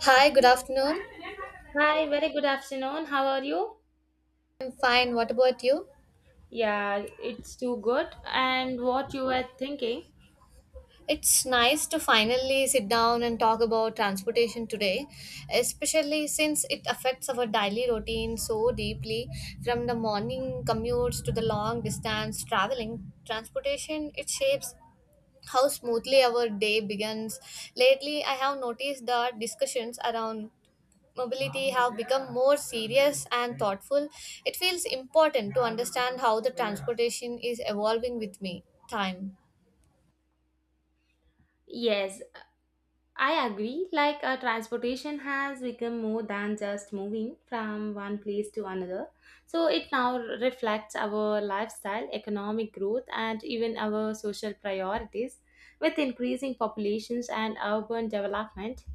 Hi, good afternoon. Hi, very good afternoon. How are you? I'm fine. What about you? Yeah, it's too good. And what you were thinking? It's nice to finally sit down and talk about transportation today, especially since it affects our daily routine so deeply. From the morning commutes to the long distance traveling, transportation it shapes how smoothly our day begins. Lately, I have noticed that discussions around mobility have become more serious and thoughtful, it feels important to understand how the transportation is evolving with me time. Yes, I agree. Like transportation has become more than just moving from one place to another. So it now reflects our lifestyle, economic growth, and even our social priorities. With increasing populations and urban development,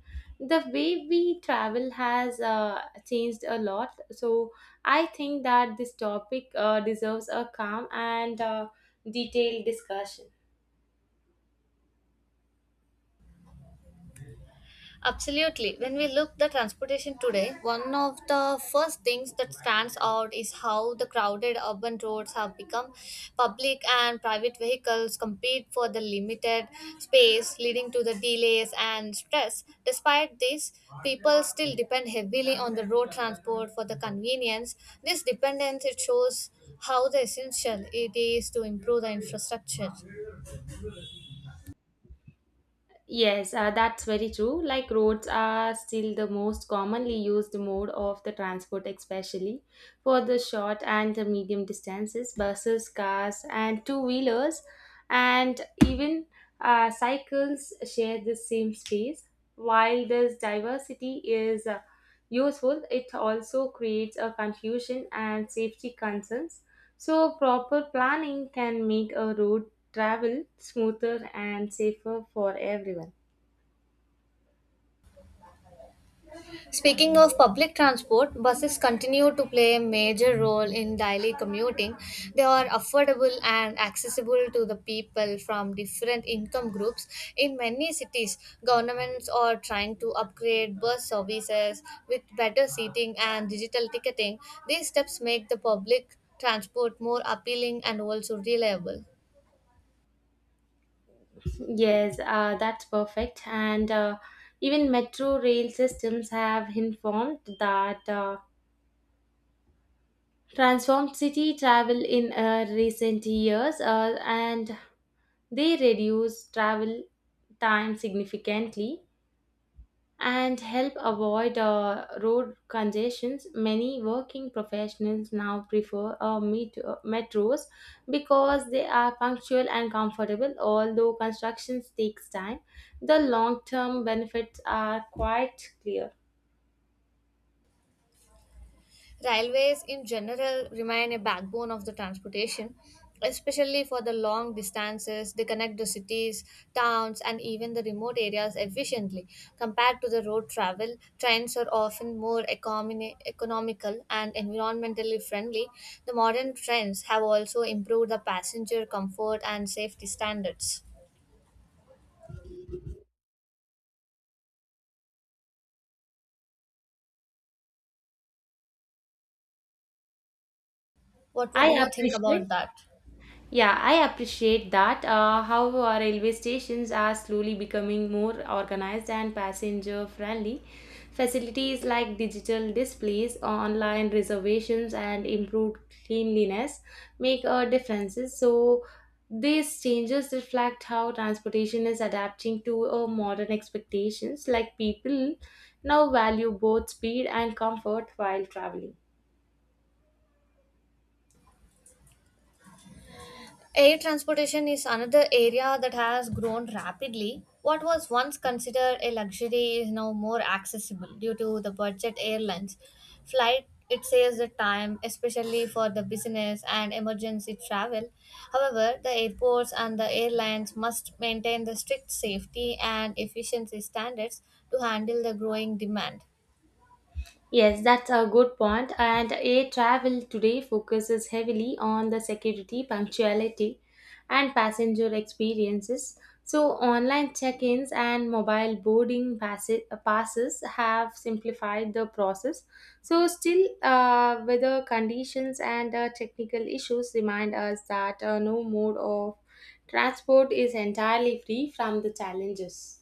the way we travel has changed a lot. So I think that this topic deserves a calm and detailed discussion. Absolutely. When we look the transportation today, one of the first things that stands out is how the crowded urban roads have become. Public and private vehicles compete for the limited space, leading to the delays and stress. Despite this, people still depend heavily on the road transport for the convenience. This dependence it shows how the essential it is to improve the infrastructure. Yes, that's very true. Like roads are still the most commonly used mode of the transport, especially for the short and the medium distances. Buses, cars, and two wheelers, and even cycles share the same space. While this diversity is useful, it also creates a confusion and safety concerns. So proper planning can make a road travel smoother and safer for everyone. Speaking of public transport, buses continue to play a major role in daily commuting. They are affordable and accessible to the people from different income groups. In many cities, governments are trying to upgrade bus services with better seating and digital ticketing. These steps make the public transport more appealing and also reliable. Yes, that's perfect. And even metro rail systems have informed that transformed city travel in recent years and they reduce travel time significantly, and help avoid road congestions. Many working professionals now prefer metros because they are punctual and comfortable, although construction takes time. The long term benefits are quite clear. Railways in general remain a backbone of the transportation, especially for the long distances. They connect the cities, towns, and even the remote areas efficiently. Compared to the road travel, trains are often more economical and environmentally friendly. The modern trains have also improved the passenger comfort and safety standards. What would I you think appreciate about that? Yeah, I appreciate that. How our railway stations are slowly becoming more organized and passenger friendly. Facilities like digital displays, online reservations, and improved cleanliness make a difference. So these changes reflect how transportation is adapting to modern expectations. Like people now value both speed and comfort while traveling. Air transportation is another area that has grown rapidly. What was once considered a luxury is now more accessible due to the budget airlines. Flight it saves the time, especially for the business and emergency travel. However, the airports and the airlines must maintain the strict safety and efficiency standards to handle the growing demand. Yes, that's a good point. And air travel today focuses heavily on the security, punctuality, and passenger experiences. So online check ins and mobile boarding passes have simplified the process. So still, weather conditions and technical issues remind us that no mode of transport is entirely free from the challenges.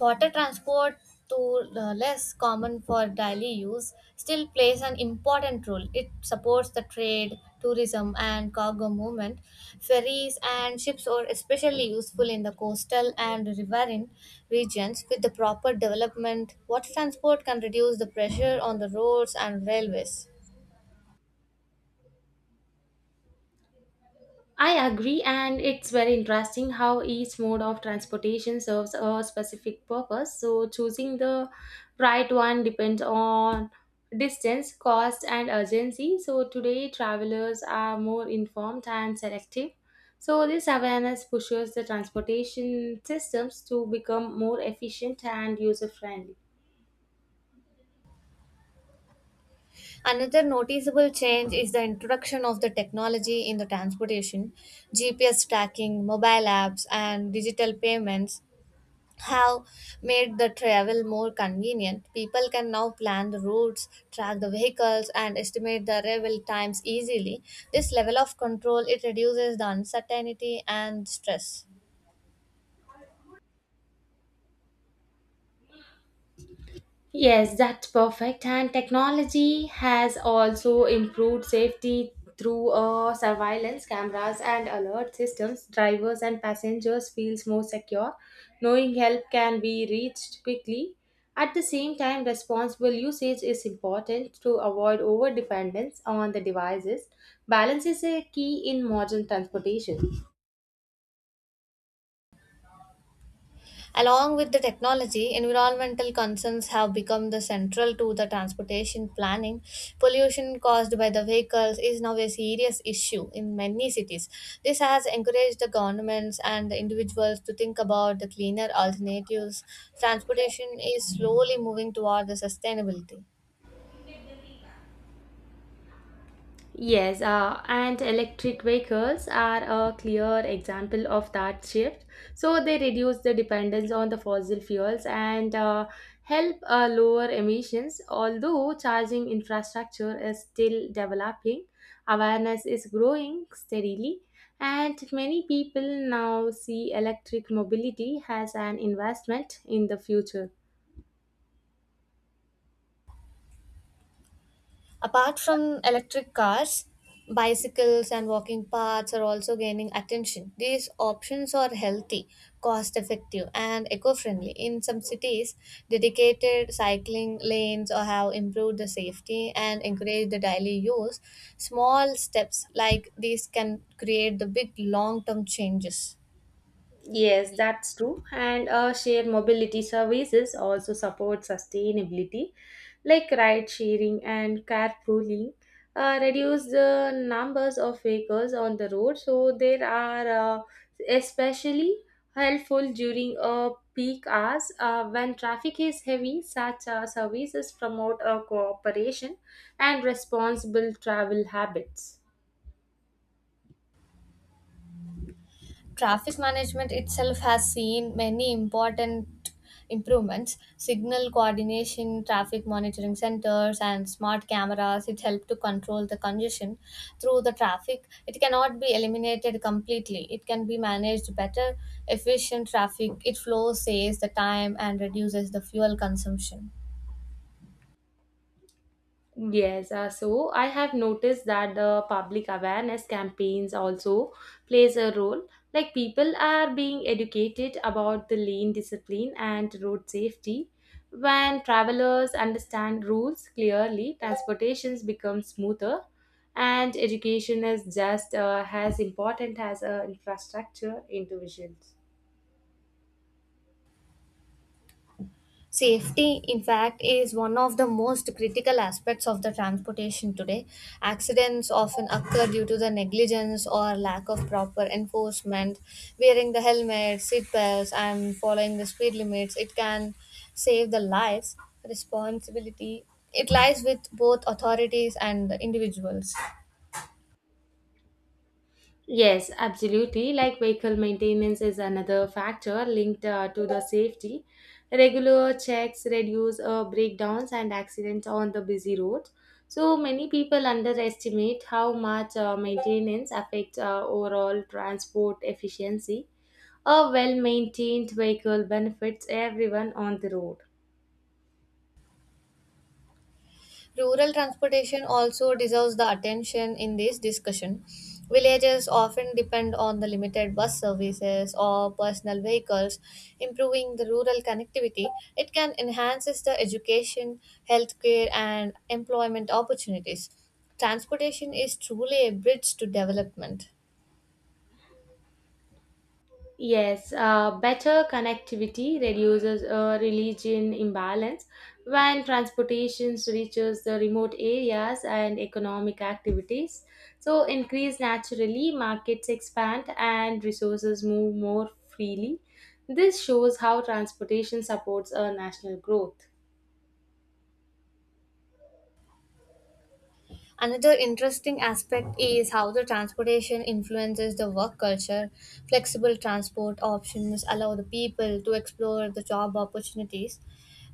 Water transport, though less common for daily use, still plays an important role. It supports the trade, tourism, and cargo movement. Ferries and ships are especially useful in the coastal and riverine regions. With the proper development, water transport can reduce the pressure on the roads and railways. I agree, and it's very interesting how each mode of transportation serves a specific purpose. So choosing the right one depends on distance, cost, and urgency. So today travelers are more informed and selective. So this awareness pushes the transportation systems to become more efficient and user friendly. Another noticeable change is the introduction of the technology in the transportation. GPS tracking, mobile apps, and digital payments have made the travel more convenient. People can now plan the routes, track the vehicles, and estimate the arrival times easily. This level of control it reduces the uncertainty and stress. Yes, that's perfect. And technology has also improved safety through surveillance cameras and alert systems. Drivers and passengers feels more secure, knowing help can be reached quickly. At the same time, responsible usage is important to avoid over dependence on the devices. Balance is a key in modern transportation. Along with the technology, environmental concerns have become the central to the transportation planning. Pollution caused by the vehicles is now a serious issue in many cities. This has encouraged the governments and the individuals to think about the cleaner alternatives. Transportation is slowly moving toward the sustainability. Yes, and electric vehicles are a clear example of that shift. So they reduce the dependence on the fossil fuels and help lower emissions. Although charging infrastructure is still developing, awareness is growing steadily, and many people now see electric mobility as an investment in the future. Apart from electric cars, bicycles and walking paths are also gaining attention. These options are healthy, cost effective, and eco friendly. In some cities, dedicated cycling lanes or have improved the safety and encourage the daily use. Small steps like these can create the big long term changes. Yes, that's true. And shared mobility services also support sustainability, like ride sharing and carpooling. Reduce the numbers of vehicles on the road, so there are especially helpful during peak hours when traffic is heavy. Such services promote cooperation and responsible travel habits. Traffic management itself has seen many important improvements. Signal coordination, traffic monitoring centers, and smart cameras, it help to control the congestion through the traffic. It cannot be eliminated completely. It can be managed better. Efficient traffic, it flows, saves the time, and reduces the fuel consumption. Yes, so I have noticed that the public awareness campaigns also plays a role. Like people are being educated about the lane discipline and road safety. When travelers understand rules clearly, transportations become smoother, and education is just as important as infrastructure interventions. Safety, in fact, is one of the most critical aspects of the transportation today. Accidents often occur due to the negligence or lack of proper enforcement. Wearing the helmet, seat belts, and following the speed limits, it can save the lives. Responsibility, it lies with both authorities and the individuals. Yes, absolutely. Like vehicle maintenance is another factor linked to the safety. Regular checks reduce breakdowns and accidents on the busy roads. So many people underestimate how much maintenance affects overall transport efficiency. A well maintained vehicle benefits everyone on the road. Rural transportation also deserves the attention in this discussion. Villages often depend on the limited bus services or personal vehicles. Improving the rural connectivity, it can enhance the education, healthcare, and employment opportunities. Transportation is truly a bridge to development. Yes, better connectivity reduces religion imbalance when transportation reaches the remote areas and economic activities. So increase naturally, markets expand, and resources move more freely. This shows how transportation supports a national growth. Another interesting aspect is how the transportation influences the work culture. Flexible transport options allow the people to explore the job opportunities.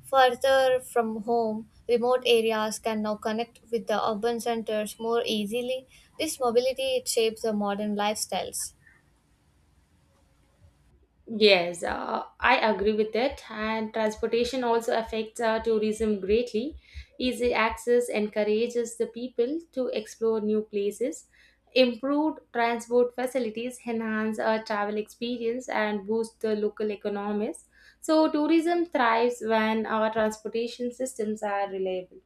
Further from home, remote areas can now connect with the urban centers more easily. This mobility it shapes the modern lifestyles. Yes, I agree with that. And transportation also affects tourism greatly. Easy access encourages the people to explore new places. Improved transport facilities enhance our travel experience and boost the local economies. So tourism thrives when our transportation systems are reliable.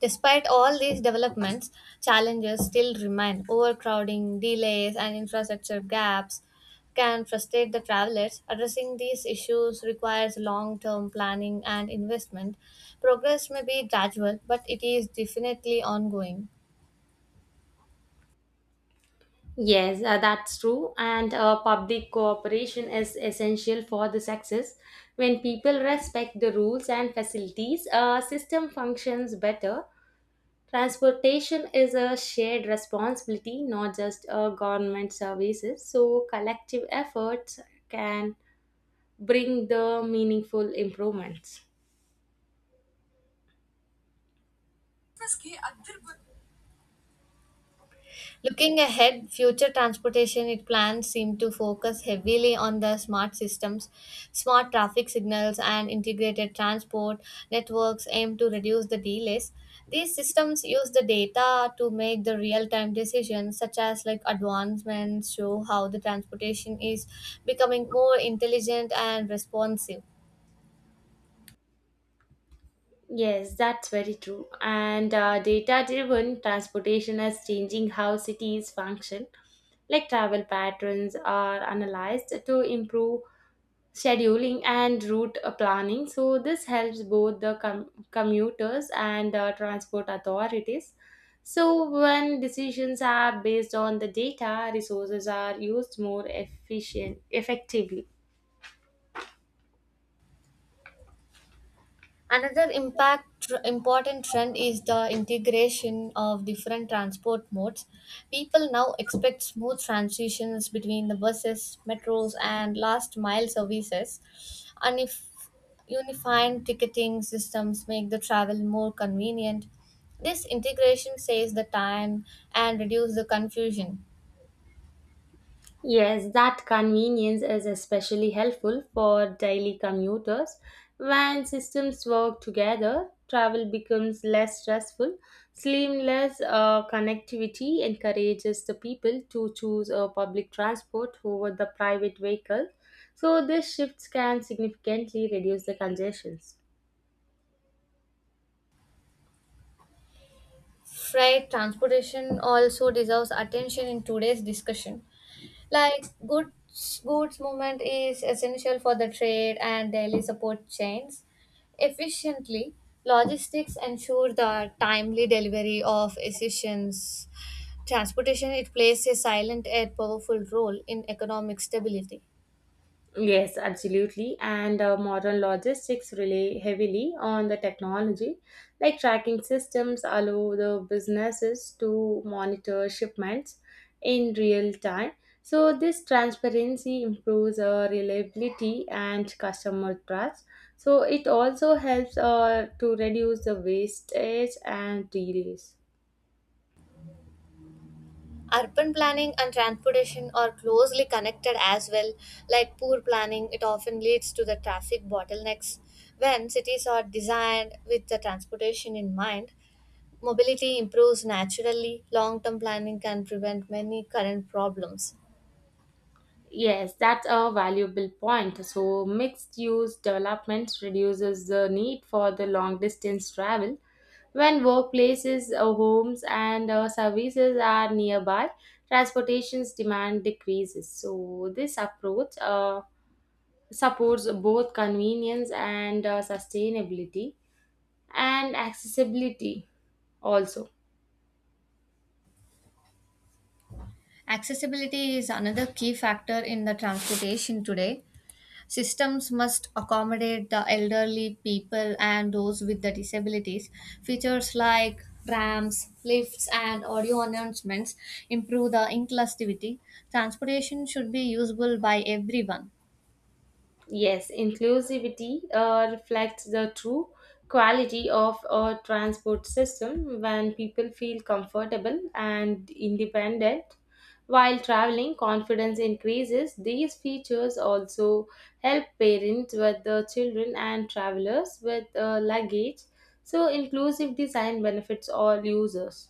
Despite all these developments, challenges still remain. Overcrowding, delays, and infrastructure gaps can frustrate the travelers. Addressing these issues requires long term planning and investment. Progress may be gradual, but it is definitely ongoing. Yes, that's true. And public cooperation is essential for the success. When people respect the rules and facilities, a system functions better. Transportation is a shared responsibility, not just government services. So collective efforts can bring the meaningful improvements. Looking ahead, future transportation it plans seem to focus heavily on the smart systems, smart traffic signals, and integrated transport networks aim to reduce the delays. These systems use the data to make the real-time decisions, such as like advancements show how the transportation is becoming more intelligent and responsive. Yes, that's very true. And data driven transportation is changing how cities function, like travel patterns are analyzed to improve scheduling and route planning. So this helps both the commuters and the transport authorities. So when decisions are based on the data, resources are used more efficient, effectively. Another impact important trend is the integration of different transport modes. People now expect smooth transitions between the buses, metros, and last mile services. And if unified ticketing systems make the travel more convenient, this integration saves the time and reduces the confusion. Yes, that convenience is especially helpful for daily commuters. When systems work together, travel becomes less stressful. Seamless connectivity encourages the people to choose a public transport over the private vehicle. So these shifts can significantly reduce the congestions. Freight transportation also deserves attention in today's discussion. Like goods movement is essential for the trade and daily support chains. Efficiently, logistics ensure the timely delivery of essentials. Transportation it plays a silent yet powerful role in economic stability. Yes, absolutely. And modern logistics rely heavily on the technology, like tracking systems allow the businesses to monitor shipments in real time. So this transparency improves reliability and customer trust. So it also helps to reduce the wastage and delays. Urban planning and transportation are closely connected as well. Like poor planning, it often leads to the traffic bottlenecks. When cities are designed with the transportation in mind, mobility improves naturally. Long term planning can prevent many current problems. Yes, that's a valuable point. So mixed use development reduces the need for the long distance travel. When workplaces, homes, and services are nearby, transportation's demand decreases. So this approach supports both convenience and sustainability and accessibility also. Accessibility is another key factor in the transportation today. Systems must accommodate the elderly people and those with the disabilities. Features like ramps, lifts, and audio announcements improve the inclusivity. Transportation should be usable by everyone. Yes, inclusivity reflects the true quality of a transport system when people feel comfortable and independent while traveling confidence increases. These features also help parents with the children and travelers with luggage, so inclusive design benefits all users.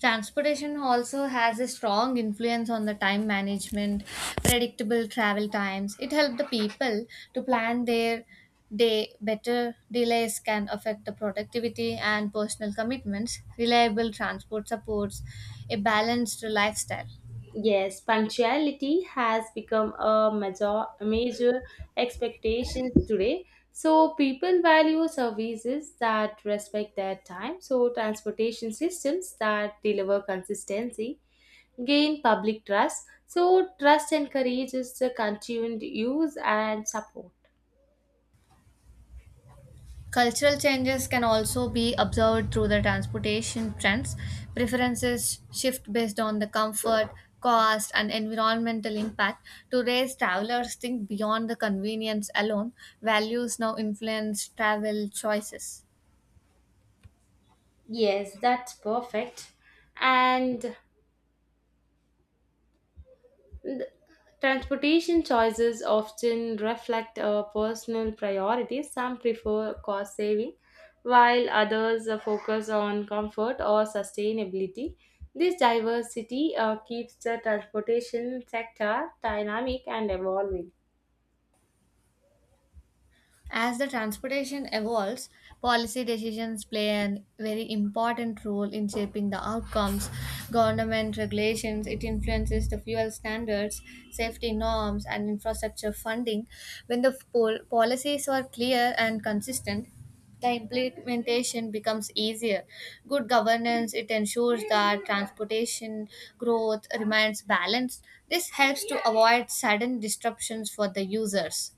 Transportation also has a strong influence on the time management, predictable travel times. It helps the people to plan their day better. Delays can affect the productivity and personal commitments. Reliable transport supports a balanced lifestyle. Yes, punctuality has become a major, major expectation today. So people value services that respect their time. So transportation systems that deliver consistency gain public trust. So trust encourages the continued use and support. Cultural changes can also be observed through the transportation trends. Preferences shift based on the comfort, cost, and environmental impact. Today's travelers think beyond the convenience alone. Values now influence travel choices. Yes, that's perfect. And transportation choices often reflect personal priorities. Some prefer cost saving, while others focus on comfort or sustainability. This diversity keeps the transportation sector dynamic and evolving. As the transportation evolves, policy decisions play a very important role in shaping the outcomes. Government regulations, it influences the fuel standards, safety norms, and infrastructure funding. When the policies are clear and consistent, the implementation becomes easier. Good governance, it ensures that transportation growth remains balanced. This helps to avoid sudden disruptions for the users.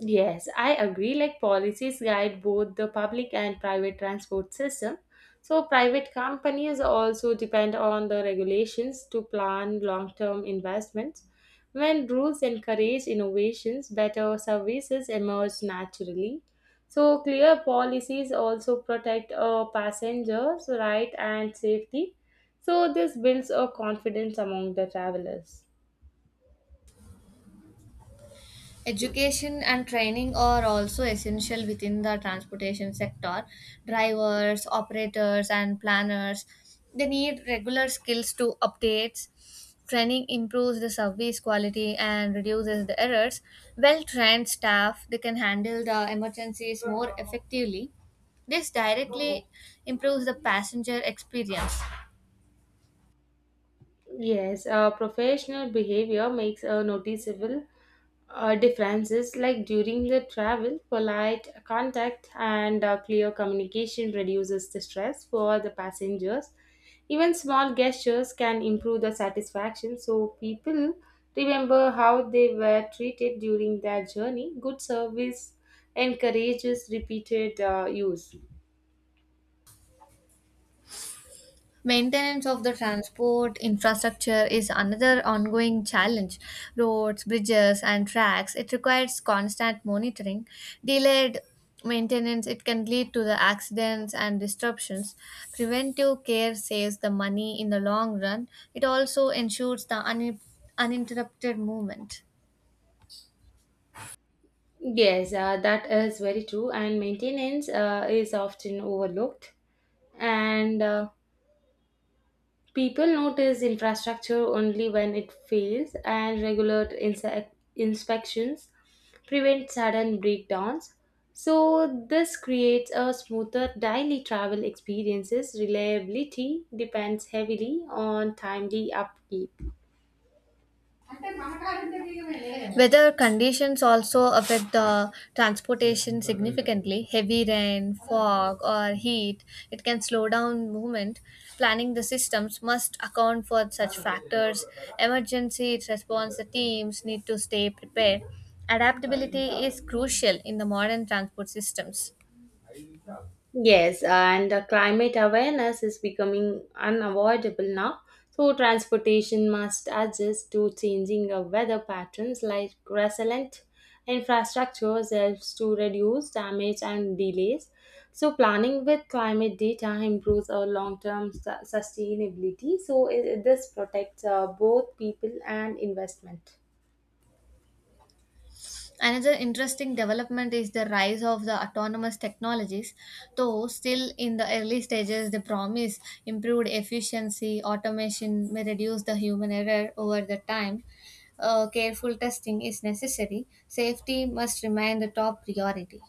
Yes, I agree. Like policies guide both the public and private transport system. So private companies also depend on the regulations to plan long-term investments. When rules encourage innovations, better services emerge naturally. So clear policies also protect passengers' right and safety. So this builds a confidence among the travelers. Education and training are also essential within the transportation sector. Drivers, operators, and planners they need regular skills to updates. Training improves the service quality and reduces the errors. Well trained staff they can handle the emergencies more effectively. This directly improves the passenger experience. Yes, professional behavior makes a noticeable differences, like during the travel polite contact and clear communication reduces the stress for the passengers. Even small gestures can improve the satisfaction, so people remember how they were treated during their journey. Good service encourages repeated use. Maintenance of the transport infrastructure is another ongoing challenge. Roads, bridges, and tracks, it requires constant monitoring. Delayed maintenance, it can lead to the accidents and disruptions. Preventive care saves the money in the long run. It also ensures the uninterrupted movement. Yes, that is very true, and maintenance is often overlooked. And People notice infrastructure only when it fails, and regular inspections prevent sudden breakdowns. So this creates a smoother daily travel experiences. Reliability depends heavily on timely upkeep. Weather conditions also affect the transportation significantly. Heavy rain, fog, or heat, it can slow down movement. Planning the systems must account for such factors. Emergency response the teams need to stay prepared. Adaptability is crucial in the modern transport systems. Yes, and climate awareness is becoming unavoidable now. So transportation must adjust to changing weather patterns, like resilient infrastructures helps to reduce damage and delays. So planning with climate data improves our long term sustainability. So, this protects both people and investment. Another interesting development is the rise of the autonomous technologies. Though still in the early stages, they promise improved efficiency, automation may reduce the human error over the time. Careful testing is necessary. Safety must remain the top priority.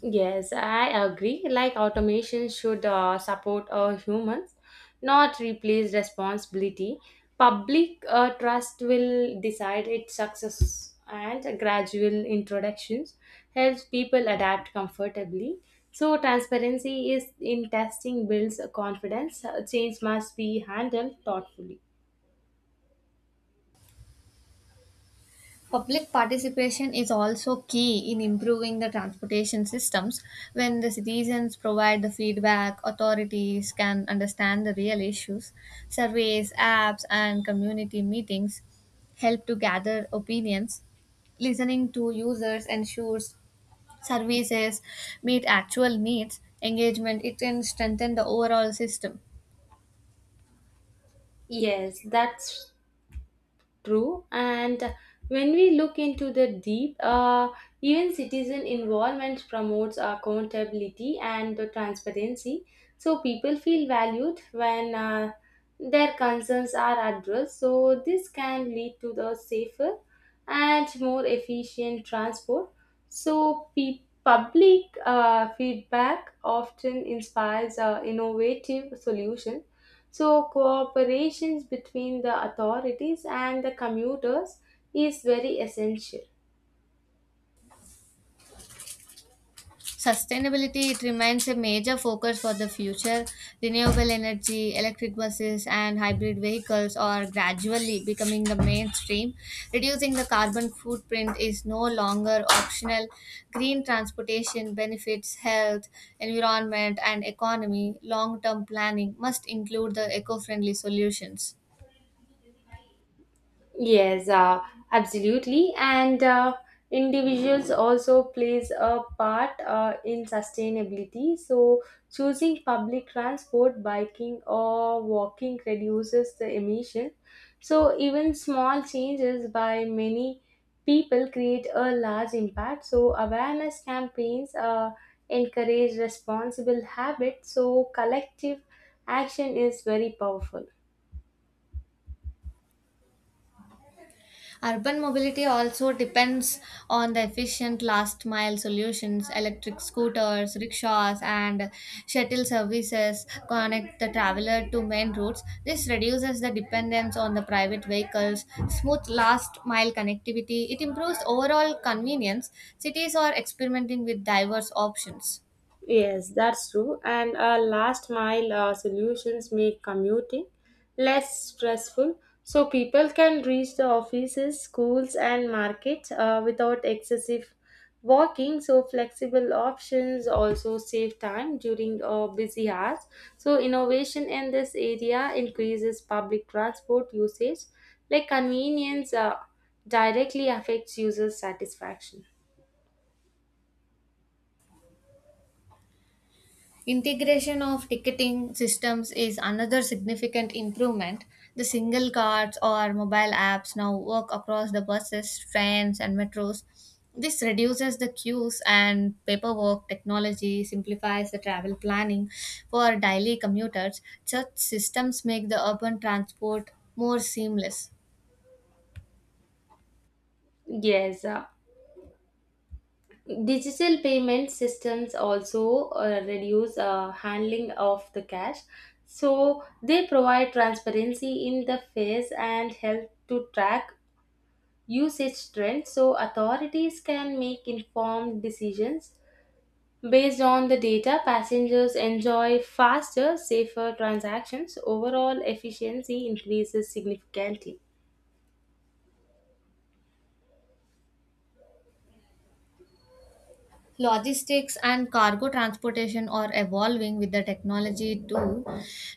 Yes, I agree. Like automation should support humans, not replace responsibility. Public trust will decide its success, and gradual introductions helps people adapt comfortably. So transparency is in testing builds confidence. Change must be handled thoughtfully. Public participation is also key in improving the transportation systems. When the citizens provide the feedback, authorities can understand the real issues. Surveys, apps, and community meetings help to gather opinions. Listening to users ensures services meet actual needs. Engagement it can strengthen the overall system. Yes, that's true, and when we look into the deep, even citizen involvement promotes accountability and the transparency. So people feel valued when their concerns are addressed. So this can lead to the safer and more efficient transport. So public feedback often inspires innovative solutions, so cooperations between the authorities and the commuters is very essential. Sustainability it remains a major focus for the future. Renewable energy, electric buses, and hybrid vehicles are gradually becoming the mainstream. Reducing the carbon footprint is no longer optional. Green transportation benefits health, environment, and economy. Long term planning must include the eco friendly solutions. Yes, absolutely. And individuals also plays a part in sustainability. So choosing public transport, biking or walking reduces the emission. So even small changes by many people create a large impact. So awareness campaigns encourage responsible habits. So collective action is very powerful. Urban mobility also depends on the efficient last mile solutions. Electric scooters, rickshaws, and shuttle services connect the traveler to main routes. This reduces the dependence on the private vehicles, smooth last mile connectivity. It improves overall convenience. Cities are experimenting with diverse options. Yes, that's true. And last mile solutions make commuting less stressful, so people can reach the offices, schools, and markets without excessive walking. So flexible options also save time during busy hours. So innovation in this area increases public transport usage, like convenience directly affects user satisfaction. Integration of ticketing systems is another significant improvement. The single cards or mobile apps now work across the buses, trains, and metros. This reduces the queues and paperwork. Technology simplifies the travel planning for daily commuters. Such systems make the urban transport more seamless. Yes. Digital payment systems also reduce handling of the cash, so they provide transparency in the fees and help to track usage trends. So authorities can make informed decisions based on the data. Passengers enjoy faster safer transactions. Overall efficiency increases significantly. Logistics and cargo transportation are evolving with the technology too.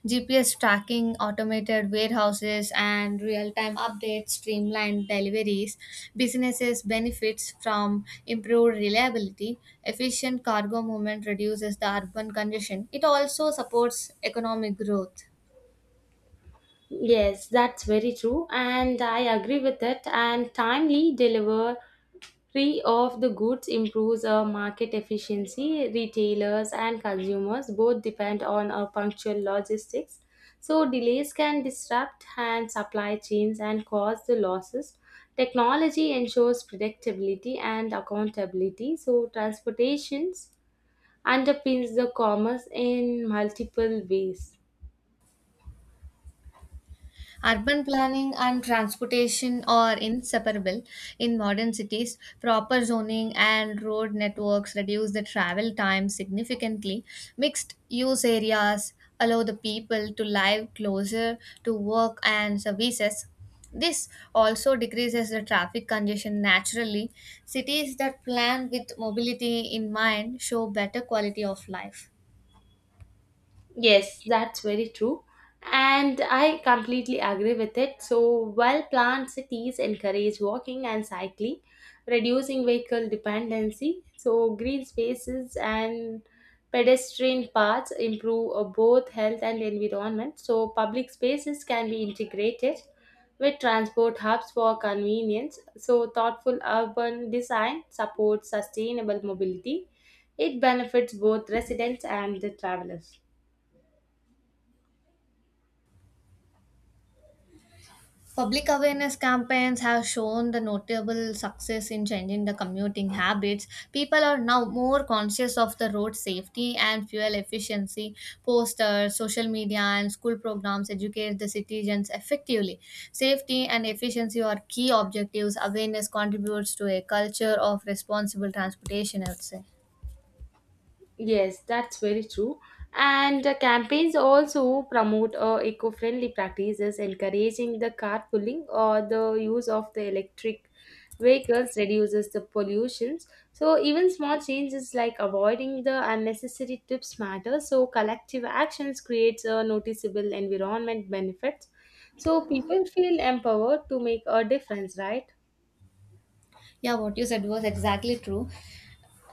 GPS tracking, automated warehouses, and real time updates streamline deliveries. Businesses benefits from improved reliability. Efficient cargo movement reduces the urban congestion. It also supports economic growth. Yes, that's very true, and I agree with it. And timely deliver free of the goods improves market efficiency. Retailers and consumers both depend on punctual logistics. So delays can disrupt and supply chains and cause the losses. Technology ensures predictability and accountability. So transportations underpins the commerce in multiple ways. Urban planning and transportation are inseparable in modern cities. Proper zoning and road networks reduce the travel time significantly. Mixed use areas allow the people to live closer to work and services. This also decreases the traffic congestion naturally. Cities that plan with mobility in mind show better quality of life. Yes, that's very true. And I completely agree with it. So well planned cities encourage walking and cycling, reducing vehicle dependency. So green spaces and pedestrian paths improve both health and environment. So public spaces can be integrated with transport hubs for convenience. So thoughtful urban design supports sustainable mobility. It benefits both residents and the travelers. Public awareness campaigns have shown the notable success in changing the commuting habits. People are now more conscious of the road safety and fuel efficiency. Posters, social media, and school programs educate the citizens effectively. Safety and efficiency are key objectives. Awareness contributes to a culture of responsible transportation, I would say. Yes, that's very true. And campaigns also promote eco-friendly practices, encouraging the carpooling or the use of the electric vehicles reduces the pollutions. So even small changes like avoiding the unnecessary trips matter. So collective actions creates a noticeable environment benefits. So people feel empowered to make a difference, right? Yeah, what you said was exactly true.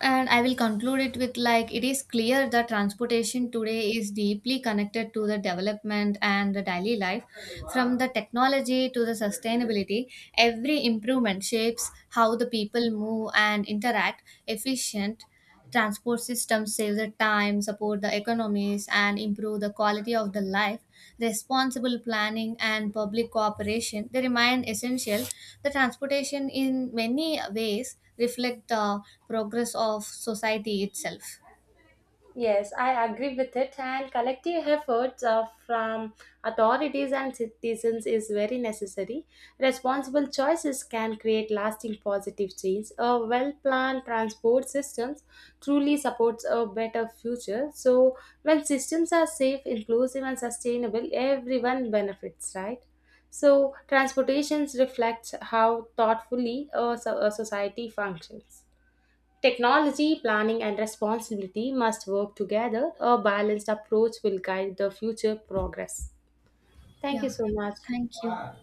And I will conclude it with like it is clear that transportation today is deeply connected to the development and the daily life. From the technology to the sustainability, every improvement shapes how the people move and interact efficient Transport systems save the time, support the economies, and improve the quality of the life. Responsible planning and public cooperation they remain essential. The transportation, in many ways, reflect the progress of society itself. Yes, I agree with it, and collective efforts from authorities and citizens is very necessary. Responsible choices can create lasting positive change. A well planned transport systems truly supports a better future. So when systems are safe, inclusive, and sustainable, everyone benefits, right? So transportations reflects how thoughtfully a, a society functions. Technology, planning, and responsibility must work together. A balanced approach will guide the future progress. Thank you Yeah, so much. thank you.